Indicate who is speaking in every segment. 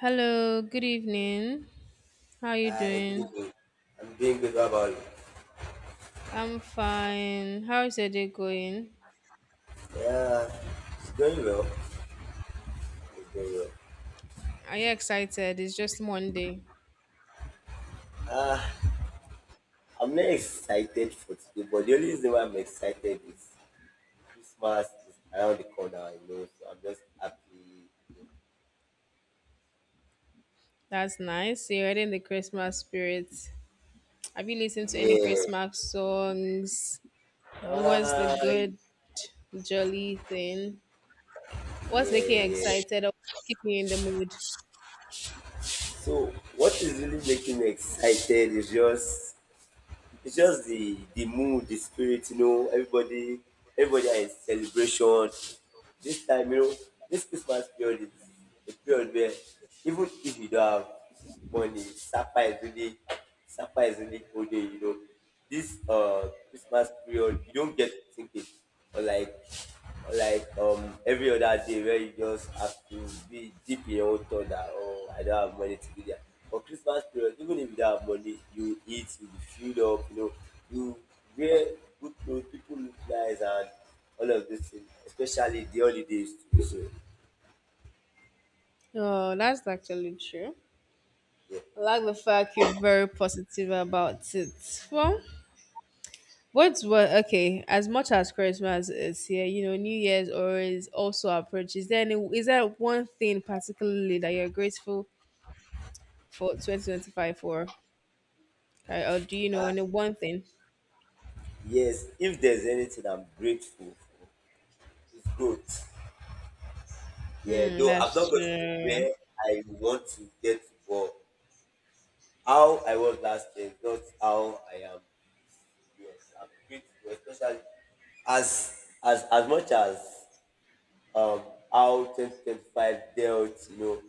Speaker 1: Hello, good evening. How are you
Speaker 2: Hi, good
Speaker 1: doing?
Speaker 2: evening. I'm doing good. How about you?
Speaker 1: I'm fine. How's your day going?
Speaker 2: Yeah, it's going well. It's going well.
Speaker 1: Are you excited? It's just Monday.
Speaker 2: Ah, I'm not excited for today, but the only reason why I'm excited is Christmas is around the corner, so I'm just happy.
Speaker 1: That's nice. You're already in the Christmas spirit. Have you listened to any
Speaker 2: Yeah.
Speaker 1: Christmas songs? What's the
Speaker 2: Ah,
Speaker 1: good, jolly thing? What's making
Speaker 2: yeah,
Speaker 1: you
Speaker 2: yeah.
Speaker 1: excited or keeping you in the mood?
Speaker 2: So, what is really making me excited is just. It's just the mood, the spirit, everybody are in celebration. This time, this Christmas period is a period where even if you don't have money, Sapa is really holding. This Christmas period, you don't get tickets or like or like every other day where you just have to be deep in your own thought that, oh, I don't have money to do that. For Christmas period, even if you don't have money, you eat, you be filled up, you wear good clothes, people look nice, and all of these things, especially the holidays too. So
Speaker 1: Oh, that's actually true.
Speaker 2: yeah.
Speaker 1: I like the fact you're very positive about it. Well, what's what? Okay, as much as Christmas is here, you know, New Year's or is also approaches. Then, is there one thing particularly that you're grateful for 2025 for? Okay, or do you
Speaker 2: Ah
Speaker 1: know any one thing?
Speaker 2: yes, if there's anything I'm grateful for, it's good. Yeah,
Speaker 1: Hmm,
Speaker 2: though I've not gotten
Speaker 1: that's
Speaker 2: to
Speaker 1: true.
Speaker 2: where I want to get to, but how I was last year is not how I am. Yes, I'm grateful, especially as much as um how 2025 dealt,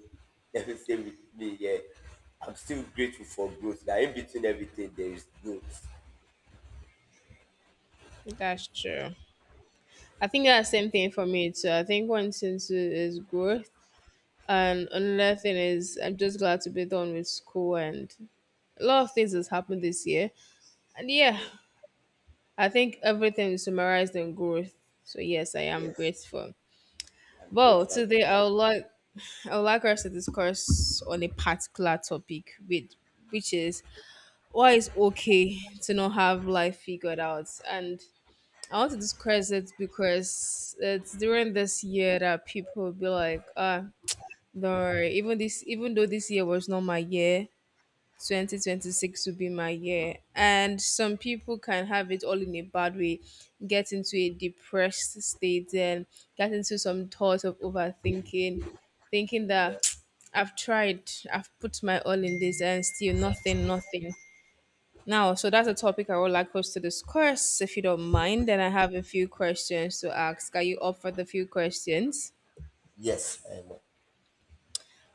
Speaker 2: everything with me. Yeah, I'm still grateful for growth. Like, in between everything, there is growth.
Speaker 1: That's true. I think that's the same thing for me too. I think one thing too is growth, and another thing is I'm just glad to be done with school and a lot of things has happened this year. And yeah,
Speaker 2: Yeah,
Speaker 1: I think everything is summarized in growth. So yes, I am
Speaker 2: yes,
Speaker 1: grateful.
Speaker 2: I'm
Speaker 1: Well,
Speaker 2: grateful as well.
Speaker 1: today I would like us to discuss on a particular topic with, which is why it's okay to not have life figured out. And I want to discuss it because it's during this year that people will be like, ah, don't worry, even though this year was not my year, 2026 will be my year. And some people can have it all in a bad way, get into a depressed state, and get into some thoughts of overthinking, thinking
Speaker 2: Yeah,
Speaker 1: that I've tried, I've put my all in this, and still nothing. Now, so that's a topic I would like us to discuss. If you don't mind, then I have a few questions to ask. Are you up for the few questions?
Speaker 2: yes, I am.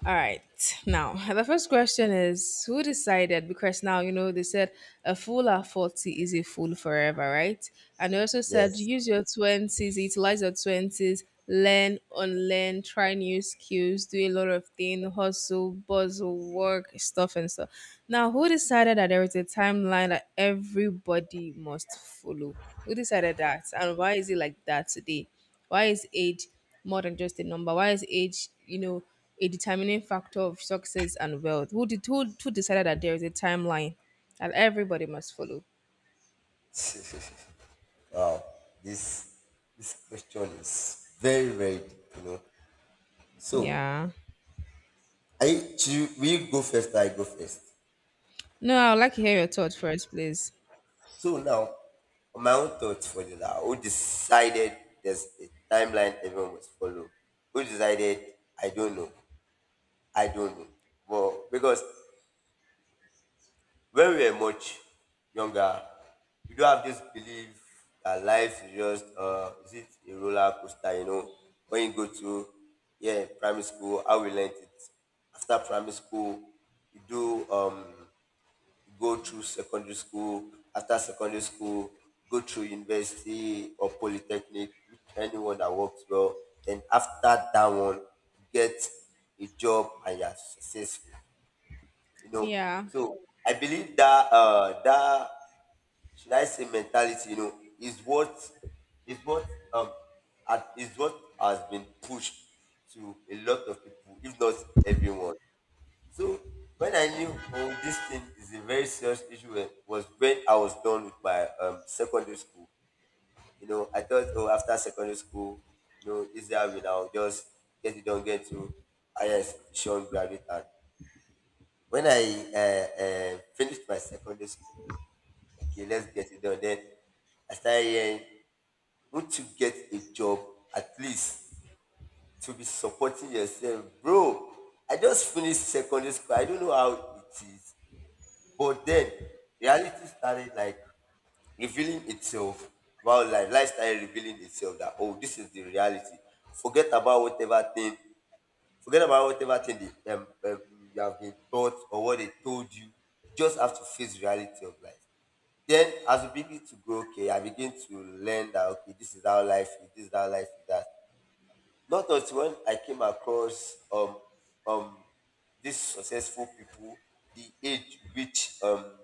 Speaker 1: All right. Now, the first question is who decided? Because now, you know, they said a fool at 40 is a fool forever, right? And they also said
Speaker 2: Yes.
Speaker 1: use your 20s, utilize your 20s, learn, unlearn, try new skills, do a lot of things, hustle, bustle, work, stuff, and stuff. Now, who decided that there is a timeline that everybody must follow? Who decided that? And why is it like that today? Why is age more than just a number? Why is age, you know, a determining factor of success and wealth? Who decided that there is a timeline that everybody must follow?
Speaker 2: Wow, this this question is very, very deep, So,
Speaker 1: Yeah.
Speaker 2: I should we go first? Or I go first.
Speaker 1: No, I would like to hear your thoughts first, please.
Speaker 2: So now, on my own thoughts for the now, who decided there's a timeline everyone must follow? Who decided? I don't know. I don't know. But because when we were much younger, we don't have this belief that life is just is it a roller coaster, When you go to, yeah, primary school, how we learned it. After primary school, you do um you go through secondary school. After secondary school, go through university or polytechnic, with anyone that works well. Then after that one, you get a job and you're successful you know.
Speaker 1: Yeah.
Speaker 2: So I believe that should I say mentality, is what is what um is what has been pushed to a lot of people, if not everyone. So when I knew, oh, this thing is a very serious issue, eh, was when I was done with my secondary school. You know, I thought, oh, after secondary school, this is how we now just get it done, get to higher institution, graduate, and when I finished my secondary school, okay, let's get it done. Then I started hearing, won't you get a job, at least to be supporting yourself? Bro, I just finished secondary school. I don't know how it is. But then reality started, like, revealing itself about life. Life started revealing itself that, oh, this is the reality. Forget about whatever thing Forget about whatever thing they, you have been taught or what they told you. You just have to face the reality of life. Then, as you begin to grow, okay, I begin to learn that, okay, this is how life is. This is how life is. That Not until when I came across um these successful people, the age which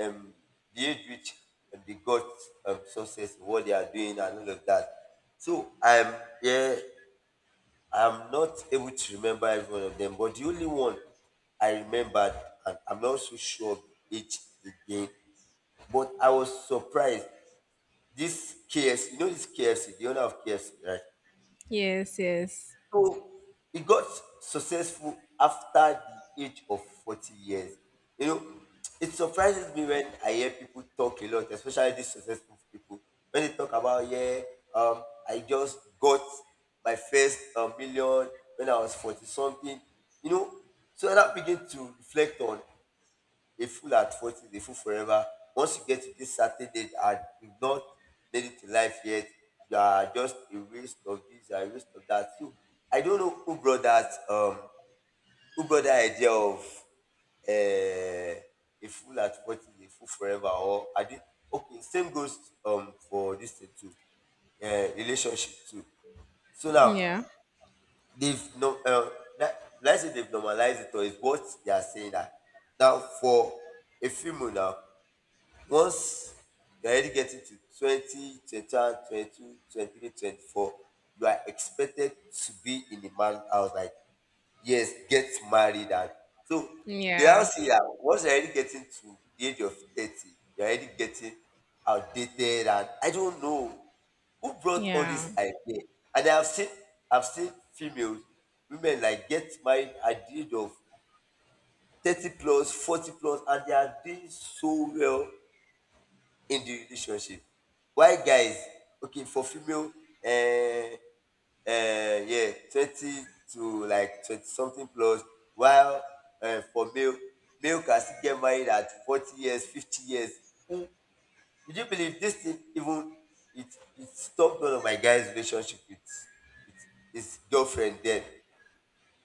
Speaker 2: um the age which they got, success, what they are doing and all of that. So I'm here I'm not able to remember every one of them, but the only one I remembered, and I'm not so sure of it again, but I was surprised. This KFC, this KFC, the owner of KFC, right?
Speaker 1: Yes, yes.
Speaker 2: So he got successful after the age of 40 years. You know, it surprises me when I hear people talk a lot, especially these successful people, when they talk about, yeah, um, I just got my first million when I was 40 something. You know, so I that begin to reflect on, a fool at 40 is a fool forever. Once you get to this certain age and you've not made it in life yet, you are just a waste of this, you are a waste of that. So I don't know who brought that idea of, uh, a fool at 40 is a fool forever. Or I did, okay, same goes, for this thing too, relationship too. So now
Speaker 1: Yeah.
Speaker 2: they've no, that, let's say, they've normalized it, or is what they are saying that now for a female now, once you are already getting to 20, 21, 22, 23, 24, you are expected to be in the man house. Like, yes, get married. And so they all
Speaker 1: Yeah.
Speaker 2: see that once you're already getting to the age of 30, you're already getting outdated. And I don't know who brought all
Speaker 1: Yeah.
Speaker 2: this idea. And I've seen females, women, like, get married at the age of 30 plus, 40 plus, and they are doing so well in the relationship. While guys, okay, for female, yeah, 20 to like 20 something plus, while for male can still get married at 40 years, fifty years mm. Would you believe this thing? Even it it stop one of my guys relationship with his girlfriend. Then,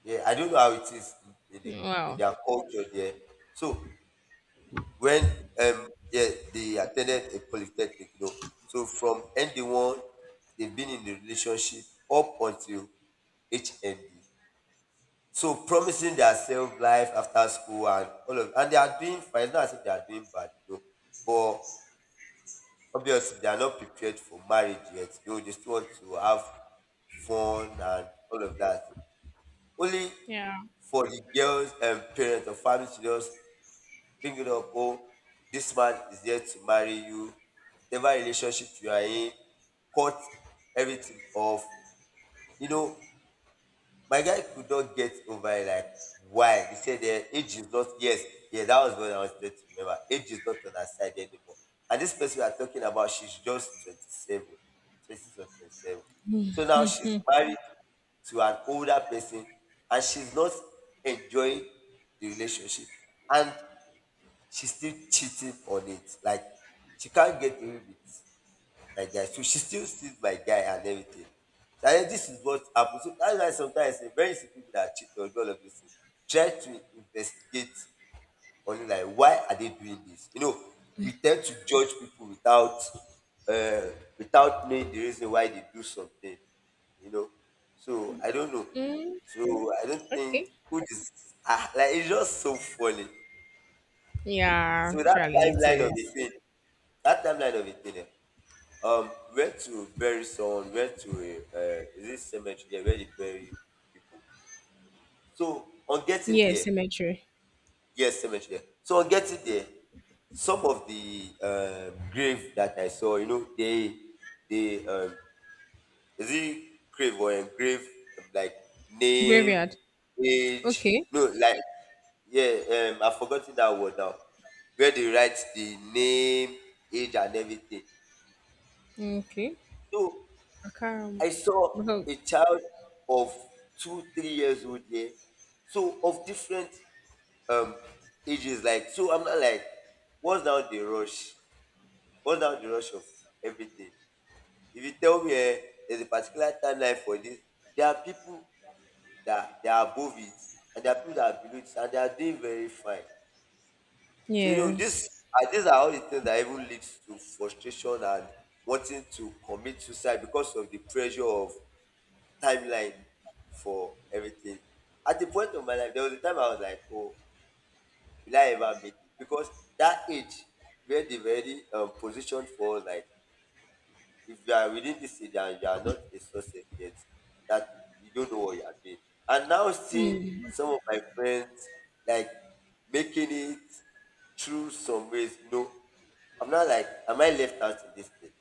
Speaker 2: yeah, I don't know how it is in in the in
Speaker 1: Well.
Speaker 2: their culture there. So when, yeah, they attended a polytechnic. From ND1 they've been in the relationship up until HND. So promising theirself life after school, and all of and they are doing fine. It's not as if they are doing bad, but obviously they are not prepared for marriage yet. They still want to have fun and all of that. Only
Speaker 1: Yeah.
Speaker 2: for the girls and parents or family to just bring it up, oh, this man is there to marry you, whatever relationship you are in, cut everything off you know my guy could not get over it, like, why. He said, eh, age is not, yes, yeah, that was what I was trying to remember, age is not on her side anymore. And this person we are talking about, she's just 27 26 or 27. So now she's married to an older person, and she's not enjoying the relationship, and she's still cheating on it. Like, she can't get away with my guy. So she still sees my guy and everything. So I think this is what happens. So that's why, sometimes, the very simple people that cheat on all of this thing, try to investigate on, like, why are they doing this? You know, we tend to judge people without, uh, without knowing the reason why they do something. You know. So I don't know.
Speaker 1: Mm,
Speaker 2: So I don't think
Speaker 1: okay.
Speaker 2: who is, like, it's just so funny. So
Speaker 1: Yeah,
Speaker 2: that
Speaker 1: Charlie, it
Speaker 2: timeline of the
Speaker 1: is.
Speaker 2: thing, that timeline of it there. Where to bury someone, where to, is it cemetery? Yeah, where they bury people. So on getting
Speaker 1: Yeah,
Speaker 2: there,
Speaker 1: cemetery.
Speaker 2: yes, cemetery. So on getting there, some of the, grave that I saw, they, is it grave or engrave, like, name,
Speaker 1: Graveyard.
Speaker 2: age,
Speaker 1: Okay.
Speaker 2: no, like, yeah, I've forgotten that word now. Where they write the name, age, and everything.
Speaker 1: Okay.
Speaker 2: So
Speaker 1: I can't.
Speaker 2: I saw
Speaker 1: Well,
Speaker 2: a child of two, 3 years old here, so of different um ages. Like, so I'm not like, what's now the rush? What's now the rush of everything? If you tell me, eh, there's a particular timeline for this, there are people that they are above it, and there are people that are below it, and they are doing very fine. So you know, this
Speaker 1: yes.
Speaker 2: these are all the things that even leads to frustration and wanting to commit suicide because of the pressure of timeline for everything. At the point of my life, there was a time I was like, oh, will I ever make it? Because that age where they've already, positioned for us, like, if you are within this age and you are not a success yet, that you don't know what you are doing. And now seeing
Speaker 1: Hmm.
Speaker 2: some of my friends, like, making it through some ways, no, I'm not like, am I left out in this thing?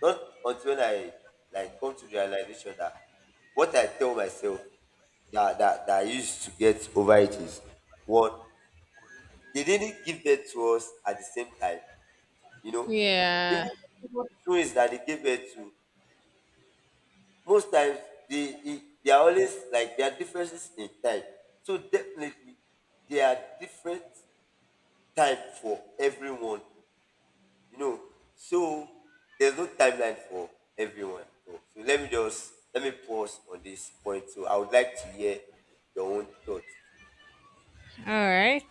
Speaker 2: Not until I, like, come to the realization that what I tell myself that I used to get over it is, one, they didn't give birth to us at the same time. You know, even,
Speaker 1: Yeah.
Speaker 2: even twins that they give birth to, most times they are always, like, there are differences in time. So definitely there are different time for everyone. you know so there's no timeline for everyone, so let me pause on this point. So I would like to hear your own thoughts.
Speaker 1: All right.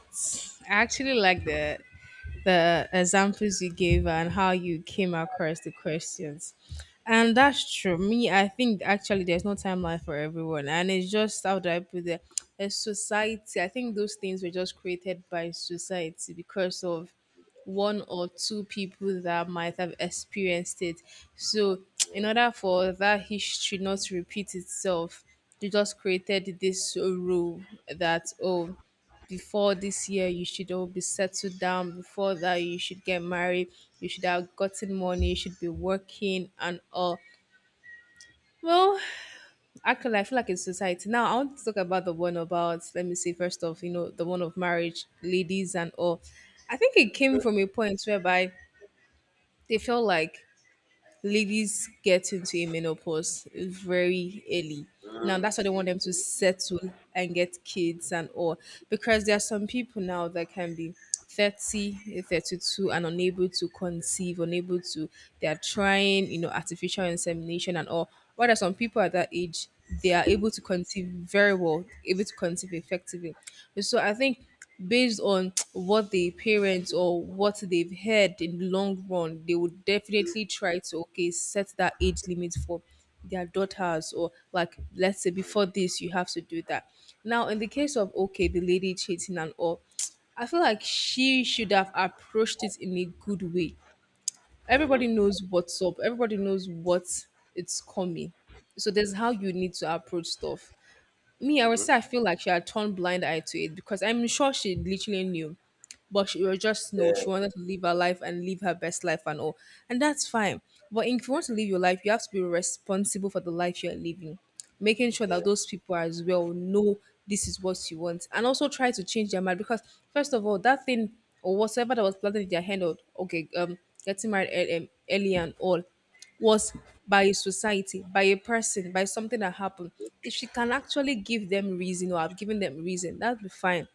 Speaker 1: I actually like the examples you gave and how you came across the questions. And that's true. Me, I think actually there's no timeline for everyone. And it's just how do I put it? A society. I think those things were just created by society because of one or two people that might have experienced it. So, in order for that history not to repeat itself, they just created this rule that, oh, before this year you should all be settled down, before that you should get married, you should have gotten money, you should be working and all. Well, actually I feel like in society now I want to talk about the one about, let me see, first off, you know, the one of marriage, ladies and all. I think it came
Speaker 2: Okay.
Speaker 1: from a point whereby they feel like ladies get into a menopause very early. Now that's why they want them to settle and get kids and all. Because there are some people now that can be 30, 32, and unable to conceive, unable to, they are trying, you know, artificial insemination and all. While there are some people at that age, they are able to conceive very well, able to conceive effectively. So I think based on what the parents or what they've heard in the long run, they would definitely try to, okay, set that age limit for their daughters, or like, let's say before this you have to do that. Now in the case of, okay, the lady cheating and all, I feel like she should have approached it in a good way. Everybody knows what's up. Everybody knows what it's coming. So there's how you need to approach stuff. Me, I would say I feel like she had turned blind eye to it because I'm sure she literally knew, but she was just, no, she wanted to live her life and live her best life and all, and that's fine. But if you want to live your life, you have to be responsible for the life you're living, making sure that those people as well know this is what you want, and also try to change their mind. Because first of all, that thing or whatever that was planted in their hand, or okay, getting married early and all, was by a society, by a person, by something that happened. If she can actually give them reason or have given them reason, that'd be fine.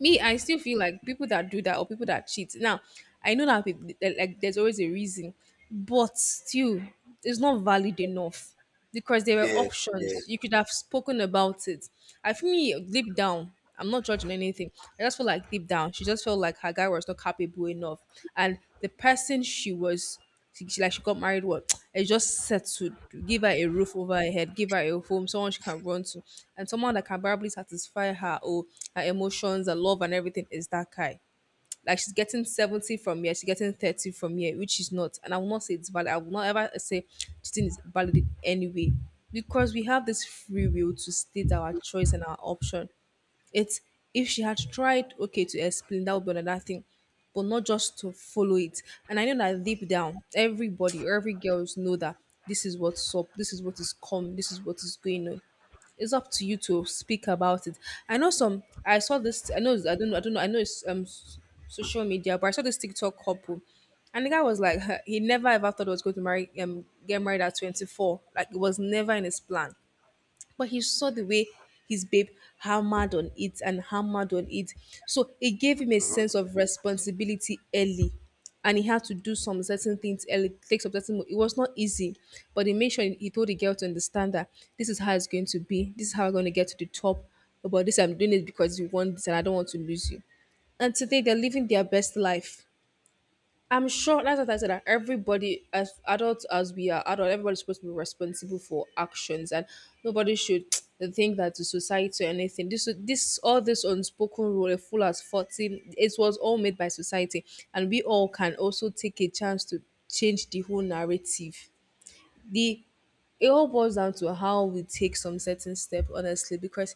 Speaker 1: Me, I still feel like people that do that, or people that cheat now, I know that people, like, there's always a reason, but still it's not valid enough because there were
Speaker 2: Yeah, yeah.
Speaker 1: options. You could have spoken about it. I feel, me, deep down, I'm not judging anything. I just feel like deep down she just felt like her guy was not capable enough, and the person she was, she like she got married. What? It's just settled. Give her a roof over her head. Give her a home. Someone she can run to, and someone that can probably satisfy her or her emotions, her love, and everything is that guy. Like she's getting seventy from here. She's getting thirty from here, which is not. And I will not say it's valid. I will not ever say cheating is valid in any way, because we have this free will to state our choice and our option. It's, if she had tried, okay, to explain, that would be another thing, but not just to follow it. And I know that deep down, everybody, every girls know that this is what's up, this is what is come, this is what is going on. It's up to you to speak about it. I know some. I saw this. I know. I don't know. I don't know. I know it's social media, but I saw this TikTok couple, and the guy was like, he never ever thought he was going to marry get married at 24. Like it was never in his plan, but he saw the way his babe hammered on it and hammered on it. So it gave him a
Speaker 2: Mhm,
Speaker 1: sense of responsibility early. And he had to do some certain things early, take some It was not easy, but he made sure he told the girl to understand that this is how it's going to be. This is how I'm going to get to the top. But this, I'm doing it because you want this, and I don't want to lose you. And today, they're living their best life. I'm sure that's what I said. That everybody, as adults, as we are adult, everybody's supposed to be responsible for actions, and nobody should think that the society or anything. All this unspoken rule, a fool has 40. It was all made by society, and we all can also take a chance to change the whole narrative. The, it all boils down to how we take some certain step, honestly, because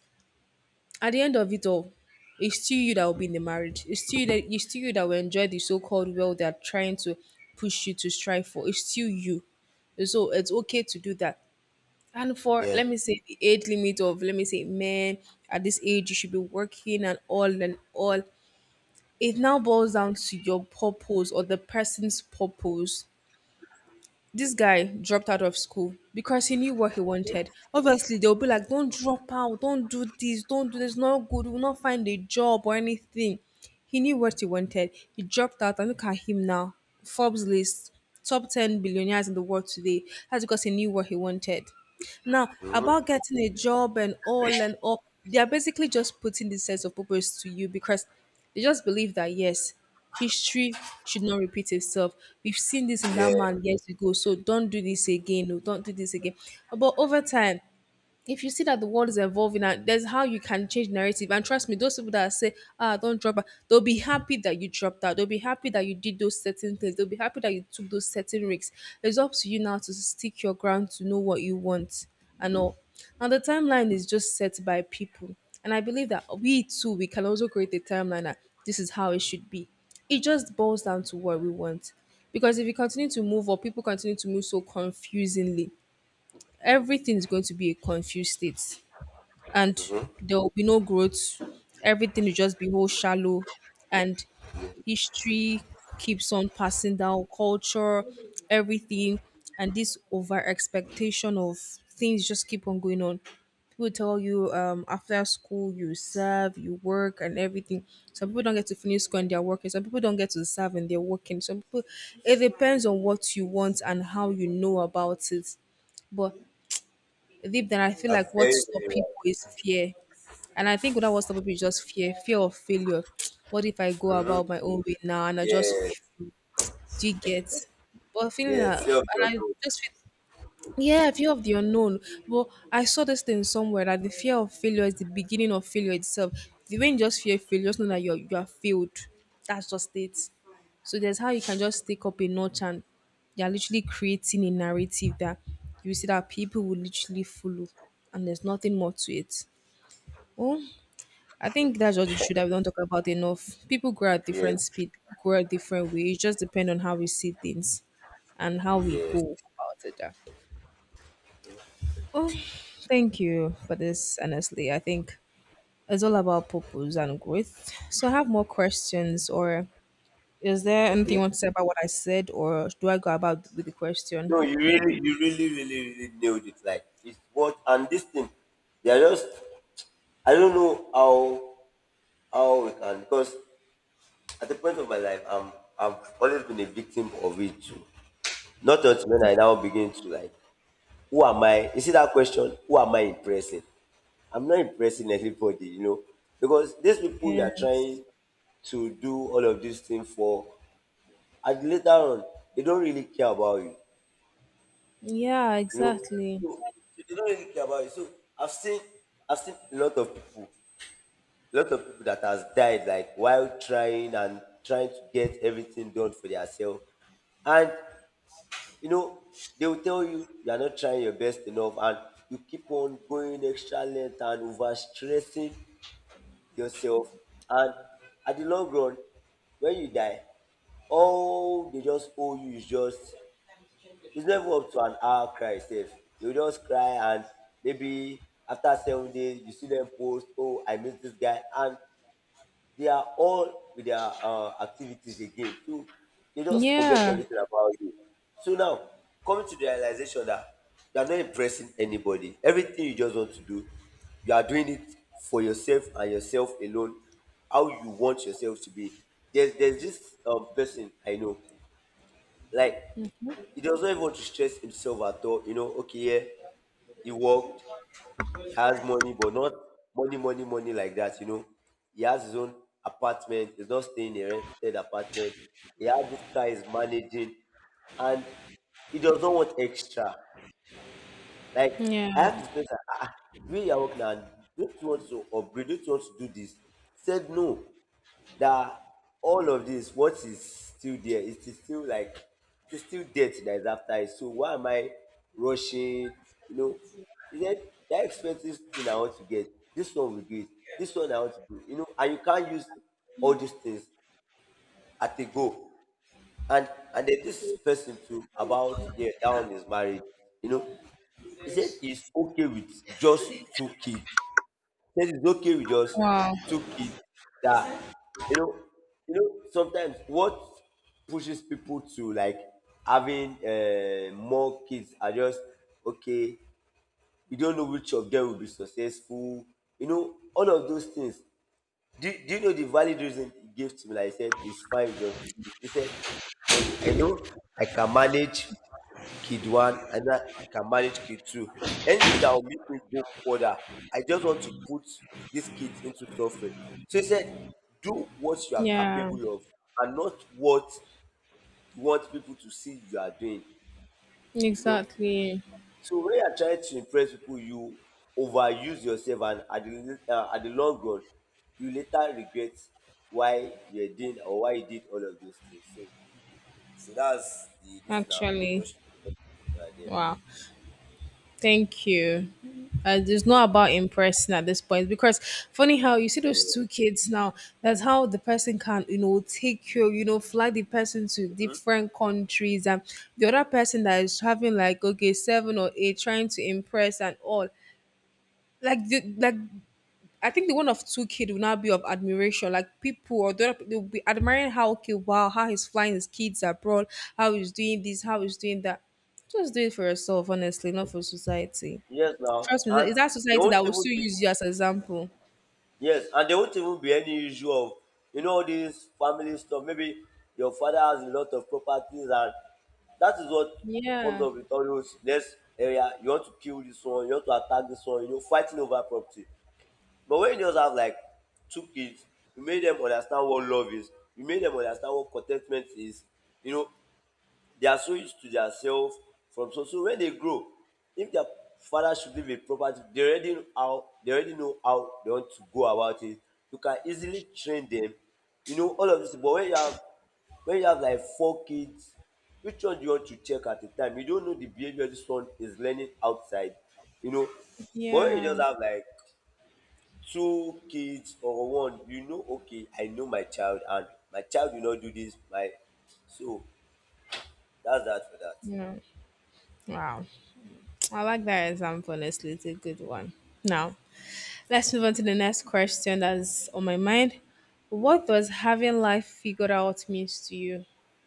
Speaker 1: at the end of it all, it's still you that will be in the marriage. It's still you that will enjoy the so-called wealth they're trying to push you to strive for. It's still you. So it's okay to do that. And for,
Speaker 2: yeah,
Speaker 1: let me say, the age limit of, let me say, men at this age you should be working and all and all. It now boils down to your purpose or the person's purpose. This guy dropped out of school because he knew what he wanted. Obviously, they'll be like, don't drop out, don't do this, not good, will not find a job or anything. He knew what he wanted. He dropped out, and look at him now. Forbes list, top 10 billionaires in the world today. That's because he knew what he wanted. Now, about getting a job and all, they are basically just putting this sense of purpose to you because they just believe that, yes, history should not repeat itself. We've seen this in
Speaker 2: yeah.
Speaker 1: that man years ago, so don't do this again. No, don't do this again. But over time, if you see that the world is evolving and there's how you can change narrative, and trust me, those people that say ah don't drop out, they'll be happy that you dropped out, they'll be happy that you did those certain things, they'll be happy that you took those certain risks. It's up to you now to stick your ground, to know what you want and all. Now the timeline is just set by people, and I believe that we too, we can also create a timeline that this is how it should be. It just boils down to what we want, because if you continue to move or people continue to move so confusingly, everything is going to be a confused state, and there will be no growth. Everything will just be whole shallow, and history keeps on passing down culture, everything, and this over expectation of things just keep on going on. People tell you after school you serve, you work, and everything. Some people don't get to finish school and they're working. Some people don't get to serve and they're working. Some people, it depends on what you want and how you know about it. But deep down, I feel
Speaker 2: I'm
Speaker 1: like
Speaker 2: very,
Speaker 1: what
Speaker 2: very
Speaker 1: stop people is
Speaker 2: right.
Speaker 1: fear, and I think that was the people just fear, fear of failure. What if I go
Speaker 2: Hmm.
Speaker 1: about my own way now and
Speaker 2: Yes,
Speaker 1: do get? But feeling
Speaker 2: yes.
Speaker 1: that,
Speaker 2: Say your
Speaker 1: and I
Speaker 2: note.
Speaker 1: just feel, yeah, fear of the unknown. But I saw this thing somewhere that the fear of failure is the beginning of failure itself. The way you just fear failure, just know that you are failed. That's just it. So there's how you can just take up a notch, and you're literally creating a narrative that you see that people will literally follow, and there's nothing more to it. Oh, I think that's just the truth that we don't talk about enough. People grow at different
Speaker 2: Yes,
Speaker 1: speed, grow at different ways. It just depends on how we see things and how we
Speaker 2: yes.
Speaker 1: go about it. Yeah. Well, thank you for this. Honestly, I think it's all about purpose and growth. So, I have more questions, or is there anything you
Speaker 2: Okay,
Speaker 1: want to say about what I said, or do I go about with the question?
Speaker 2: no, you really really really nailed it. Like, it's what. And this thing, they are just. I don't know how we can. Because at the point of my life, I've always been a victim of it too. Not until when I now begin to like, who am I? You see that question, who am I impressing? I'm not impressing everybody, you know, because these people you are
Speaker 1: Yes.
Speaker 2: trying to do all of these things for, and later on, they don't really care about you,
Speaker 1: Yeah,
Speaker 2: you know. So,
Speaker 1: exactly.
Speaker 2: so they don't really care about you. So I've seen, I've seen a lot of people that has died, like, while trying and trying to get everything done for themselves. And you know they will tell you you are not trying your best enough. And you keep on going extra length and over stressing yourself. And at the long run, when you die, all they just owe you is just, it's never up to an hour cry sef. You just cry, and maybe after 7 days, you see them post, oh, I miss this guy. And they are all with their activities again. So they just forget
Speaker 1: Yeah.
Speaker 2: everything about you. So now, coming to the realization that you are not impressing anybody. Everything you just want to do, you are doing it for yourself and yourself alone. How you want yourself to be. There's this person I know. Like, he does not even want to stress himself at all. You know, okay, yeah, he worked, he has money, but not money, money, money like that, you know. He has his own apartment. He's not staying in a rented apartment. He has this car he's managing. And he does not want extra. Like, I
Speaker 1: Yeah.
Speaker 2: asked this person, ah, ah, we are working, and don't you want to upgrade? Don't you want to do this? Said no. That all of this, what is still there, it is still like, it is still debt that is after it. So why am I rushing? You know, he said that expensive thing I want to get, this one will do it, this one I want to do, and you can't use all these things at a go. And then this person too, about, yeah, that one is married, you know. He said it's okay with just two kids. He said it's okay with just
Speaker 1: Wow.
Speaker 2: two kids. That you know, sometimes what pushes people to like having more kids are just okay. You don't know which of them will be successful. You know, all of those things. Do you know the valid reason he gave to me? Like I said, it's fine with your two kids. He said, one, I know I can manage kid one, and I can manage kid two. Anything that will make me go further, I just want to put these kids into suffering. So he said, do what you are
Speaker 1: Yeah.
Speaker 2: capable of and not what you want people to see you are doing. You know,
Speaker 1: Exactly.
Speaker 2: so when you are trying to impress people, you overuse yourself, and at the long run, you later regret why you did or why you did all of those things. So that's the this now
Speaker 1: Actually.
Speaker 2: just. Yeah,
Speaker 1: Wow. Thank you. It's
Speaker 2: yeah,
Speaker 1: not about impressing at this point, because funny how you see
Speaker 2: yeah.
Speaker 1: those two kids now. That's how the person can, you know, take you, you know, fly the person to
Speaker 2: Mhm.
Speaker 1: different countries. And the other person that is having like, okay, seven or eight, trying to impress and all. Like, I think the one of two kid will now be of admiration. Like people or the other, they'll be admiring how, okay, wow, how he's flying his kids abroad, how he's doing this, how he's doing that. Just do it for yourself, honestly, not for society.
Speaker 2: Yes now.
Speaker 1: Trust me,
Speaker 2: And
Speaker 1: it's that
Speaker 2: they
Speaker 1: society that
Speaker 2: won't
Speaker 1: will
Speaker 2: even
Speaker 1: still
Speaker 2: be.
Speaker 1: use you as an example.
Speaker 2: Yes, and there won't even be any issue of all these family stuff. Maybe your father has a lot of properties, and that is what comes
Speaker 1: Yeah,
Speaker 2: up with all those next area. You want to kill this one, you want to attack this one, you know, fighting over property. But when you just have like two kids, you make them understand what love is, you make them understand what contentment is, you know, they are so used to their self from so when they grow, if their father should leave a property, they already know how they want to go about it. You can easily train them. You know, all of this thing. But when you have like four kids, which one do you want to check at a time? You don't know the behavior this one is learning outside, you know. But when you just
Speaker 1: yeah,
Speaker 2: have like two kids or one, you know, okay, I know my child, and my child will not do this. My, so that's that for that.
Speaker 1: yeah. Wow, I like that example. Honestly, it's a good one. Now, let's move on to the next question that's on my mind. What does having life figured out means to you?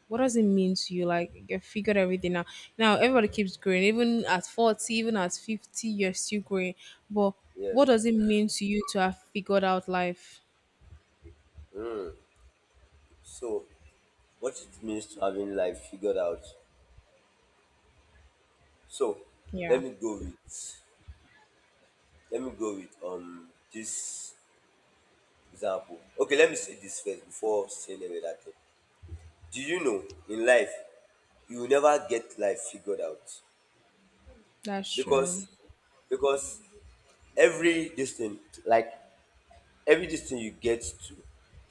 Speaker 1: What does it mean to you? Like you figured everything out. Now everybody keeps growing, even at 40, even at 50, you're still growing. But what
Speaker 2: Yes.
Speaker 1: does it mean to you to have figured out life?
Speaker 2: So what it means to having life figured out. So, let
Speaker 1: Yeah,
Speaker 2: me go with let me go with this example. Okay, let me say this first before saying any other thing. Do you know, in life you will never get life figured out,
Speaker 1: that's true.
Speaker 2: because because every this thing, like every this thing you get to,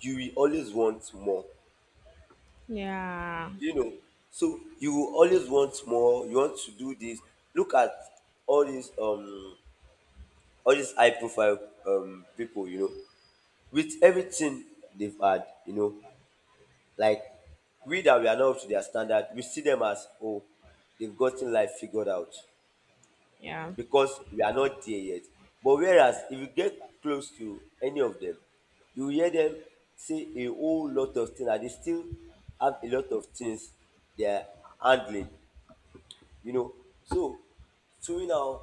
Speaker 2: you will always want more.
Speaker 1: Yeah.
Speaker 2: Do you know, so you will always want more, you want to do this. Look at all these um all these high profile people, you know, with everything they've had, you know, like, we that we are not up to their standard, we see them as, oh, they've gotten life figured out,
Speaker 1: Yeah.
Speaker 2: because we are not there yet. But whereas, if you get close to any of them, you will hear them say a whole lot of things, and they still have a lot of things they are handling, you know. So to me now,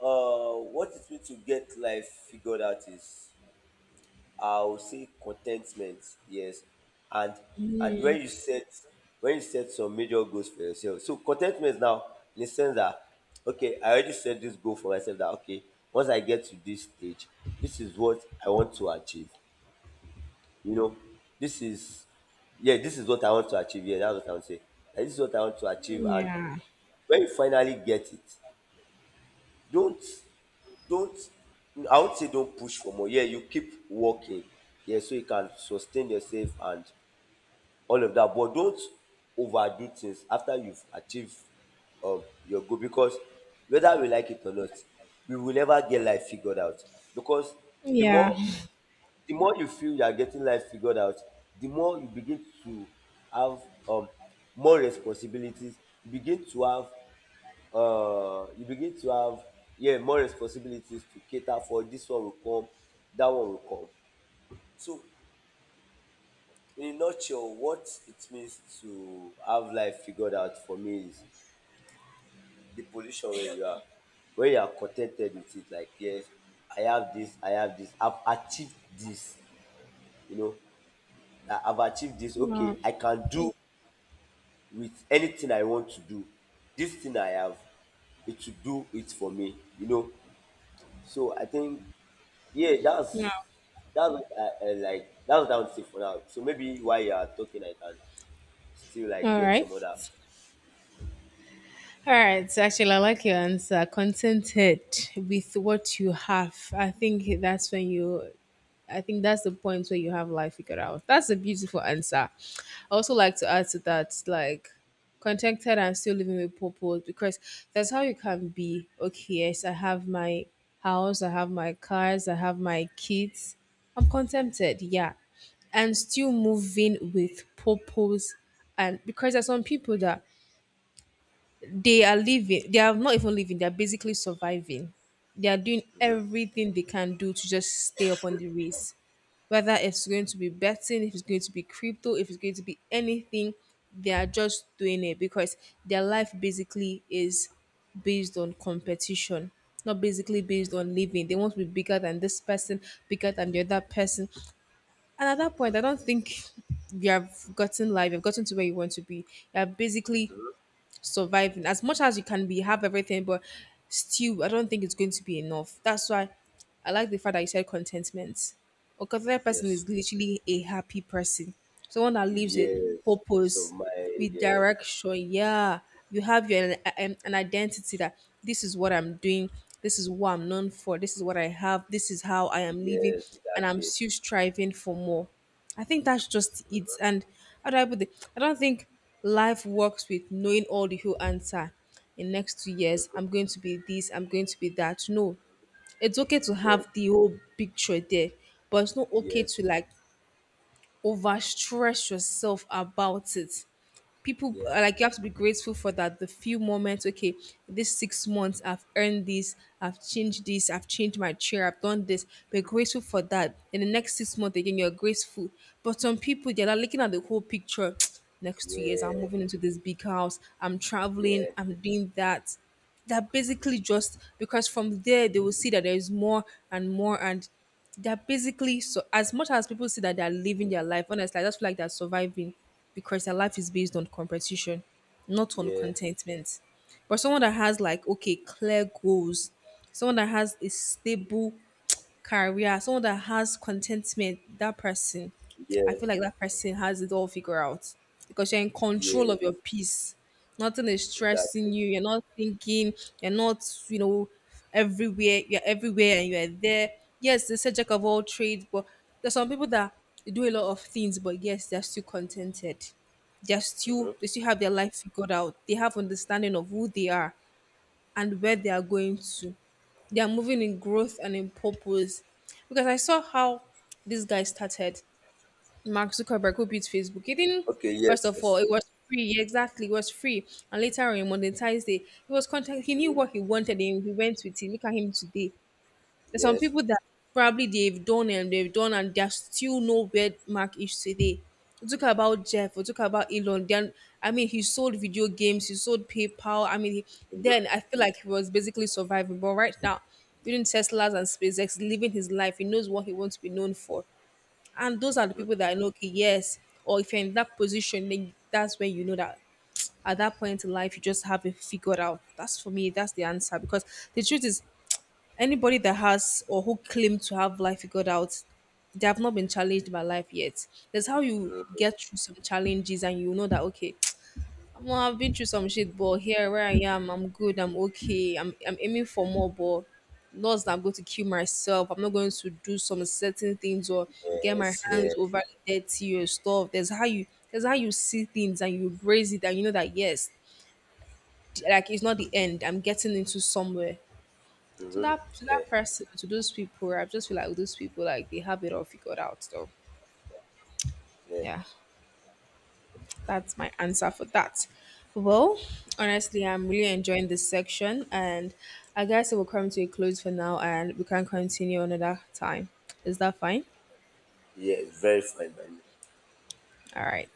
Speaker 2: what it means to get life figured out is, I would say, contentment, yes. And and when you set some major goals for yourself. So contentment now, in the sense that okay, I already set this goal for myself, that okay, once I get to this stage, this is what I want to achieve. You know, this is yeah, this is what I want to achieve. Yeah, that's what I would say. Like, this is what I want to achieve. And
Speaker 1: Yeah.
Speaker 2: when you finally get it, don't don't, I would say, don't push for more. Yeah, you keep working, yeah, so you can sustain yourself and all of that. But don't overdo things after you've achieved your goal. Because whether we like it or not, we will never get life figured out. Because the
Speaker 1: Yeah.
Speaker 2: more the more you feel you are getting life figured out, the more you begin to have um more responsibilities. You begin to have uh you begin to have yeah more responsibilities to cater for. This one will come, that one will come. So in a nutshell, what it means to have life figured out for me is the position where you are con ten ted with it. Like, yes, I have this, I have achieved this, you know. I've achieved this. Okay,
Speaker 1: No.
Speaker 2: I can do with anything I want to do. This thing I have, it to do it for me. You know. So I think, yeah,
Speaker 1: No.
Speaker 2: that's what I like. That's what I would say for now. So maybe while you are talking, I can still like
Speaker 1: All
Speaker 2: get
Speaker 1: right.
Speaker 2: some other.
Speaker 1: All right. So actually, I like your answer. Contented with what you have. I think that's when you, I think that's the point where you have life figured out. That's a beautiful answer. I also like to add to that, like contented and still living with purpose, because that's how you can be. Okay, yes, I have my house, I have my cars, I have my kids. I'm contented, yeah. And still moving with purpose, and because there's some people that they are living, they are not even living, they're basically surviving. They are doing everything they can do to just stay up on the race, whether it's going to be betting, if it's going to be crypto, if it's going to be anything, they are just doing it because their life basically is based on competition, not basically based on living. They want to be bigger than this person, bigger than the other person. And at that point, I don't think you have gotten life, you've gotten to where you want to be. You're basically surviving as much as you can be, have everything, but still, I don't think it's going to be enough. That's why I like the fact that you said contentment. A contented person
Speaker 2: Yes.
Speaker 1: is literally a happy person, someone that lives with
Speaker 2: Yes. So
Speaker 1: purpose,
Speaker 2: my.
Speaker 1: with
Speaker 2: Yeah.
Speaker 1: direction. Yeah, you have your an identity that this is what I'm doing, this is what I'm known for, this is what I have, this is how I am living,
Speaker 2: Yes.
Speaker 1: and I'm
Speaker 2: Exactly.
Speaker 1: still striving for more. I think that's just it. And how do I put it? I don't think life works with knowing all the whole answer. In next two
Speaker 2: Mhm.
Speaker 1: years, I'm going to be this, I'm going to be that. No, it's okay to
Speaker 2: Yeah.
Speaker 1: have the whole picture there, but it's not okay
Speaker 2: Yes.
Speaker 1: to like overstress yourself about it. People
Speaker 2: Yeah.
Speaker 1: like, you have to be grateful for that, the few moments. Okay, this 6 months I've earned this, I've changed this, I've changed my chair, I've done this. Be grateful for that. In the next 6 months again, you're grateful. But some people, they're not looking at the whole picture. Next 2 years, I'm
Speaker 2: Yeah.
Speaker 1: moving into this big house, I'm traveling,
Speaker 2: Yeah.
Speaker 1: I'm doing that. That basically just, because from there they will see that there is more and more. And they're basically, so as much as people say that they're living
Speaker 2: Mm,
Speaker 1: their life, honestly, I just feel like they're surviving because their life is based on competition, not on
Speaker 2: yeah.
Speaker 1: contentment. But someone that has, like, okay, clear goals, someone that has a stable career, someone that has contentment, that person,
Speaker 2: Yeah.
Speaker 1: I feel like that person has it all figured out, because you're in control of your
Speaker 2: Yes.
Speaker 1: peace. Nothing is
Speaker 2: Exactly.
Speaker 1: stressing you. You're not thinking. You're not, you know, everywhere. You're everywhere and you're there. Yes, the subject of all trades, but there's some people that do a lot of things, but yes, they're still contented. They're still,
Speaker 2: Mhm.
Speaker 1: they still have their life figured out. They have understanding of who they are and where they are going to. They are moving in growth and in purpose. Because I saw how this guy started, Mark Zuckerberg, who built Facebook. He didn't,
Speaker 2: Okay,
Speaker 1: first
Speaker 2: yes,
Speaker 1: of
Speaker 2: yes.
Speaker 1: all, it was free. Yeah, exactly. It was free. And later on, he monetized it. He was content. He knew
Speaker 2: Mhm,
Speaker 1: what he wanted and he went with it. Look at him today. There's some
Speaker 2: yes,
Speaker 1: people that probably they've done and there's still no mark issues today. We talk about Jeff, we talk about Elon. Then I mean he sold video games, he sold PayPal. I mean he,
Speaker 2: mhm,
Speaker 1: then I feel like he was basically surviving. But right now, during Tesla's and SpaceX, living his life, he knows what he wants to be known for. And those are the
Speaker 2: mhm,
Speaker 1: people that I know, okay, yes, or if you're in that position, then that's where you know that at that point in life you just have it figured out. That's for me, that's the answer. Because the truth is, anybody that has or who claim to have life figured out, they have not been challenged by life yet. That's how you
Speaker 2: mhm,
Speaker 1: get through some challenges and you know that, okay, well, I've been through some shit, but here where I am, I'm good, I'm okay, I'm aiming for more, but not that I'm going to kill myself. I'm not going to do some certain things or get my
Speaker 2: yes,
Speaker 1: hands
Speaker 2: yes,
Speaker 1: overly dirty or stuff. That's how you, that's how you see things and you embrace it and you know that yes, like, it's not the end. I'm getting into somewhere. to
Speaker 2: mhm.
Speaker 1: that to
Speaker 2: Yeah,
Speaker 1: that person, to those people, I just feel like those people, like, they have it all figured out though.
Speaker 2: yeah,
Speaker 1: Yeah, that's my answer for that. Well, honestly, I'm really enjoying this section, and I guess it will come to a close for now, and we can continue another time. Is that fine?
Speaker 2: yeah, very fine by me.
Speaker 1: All right.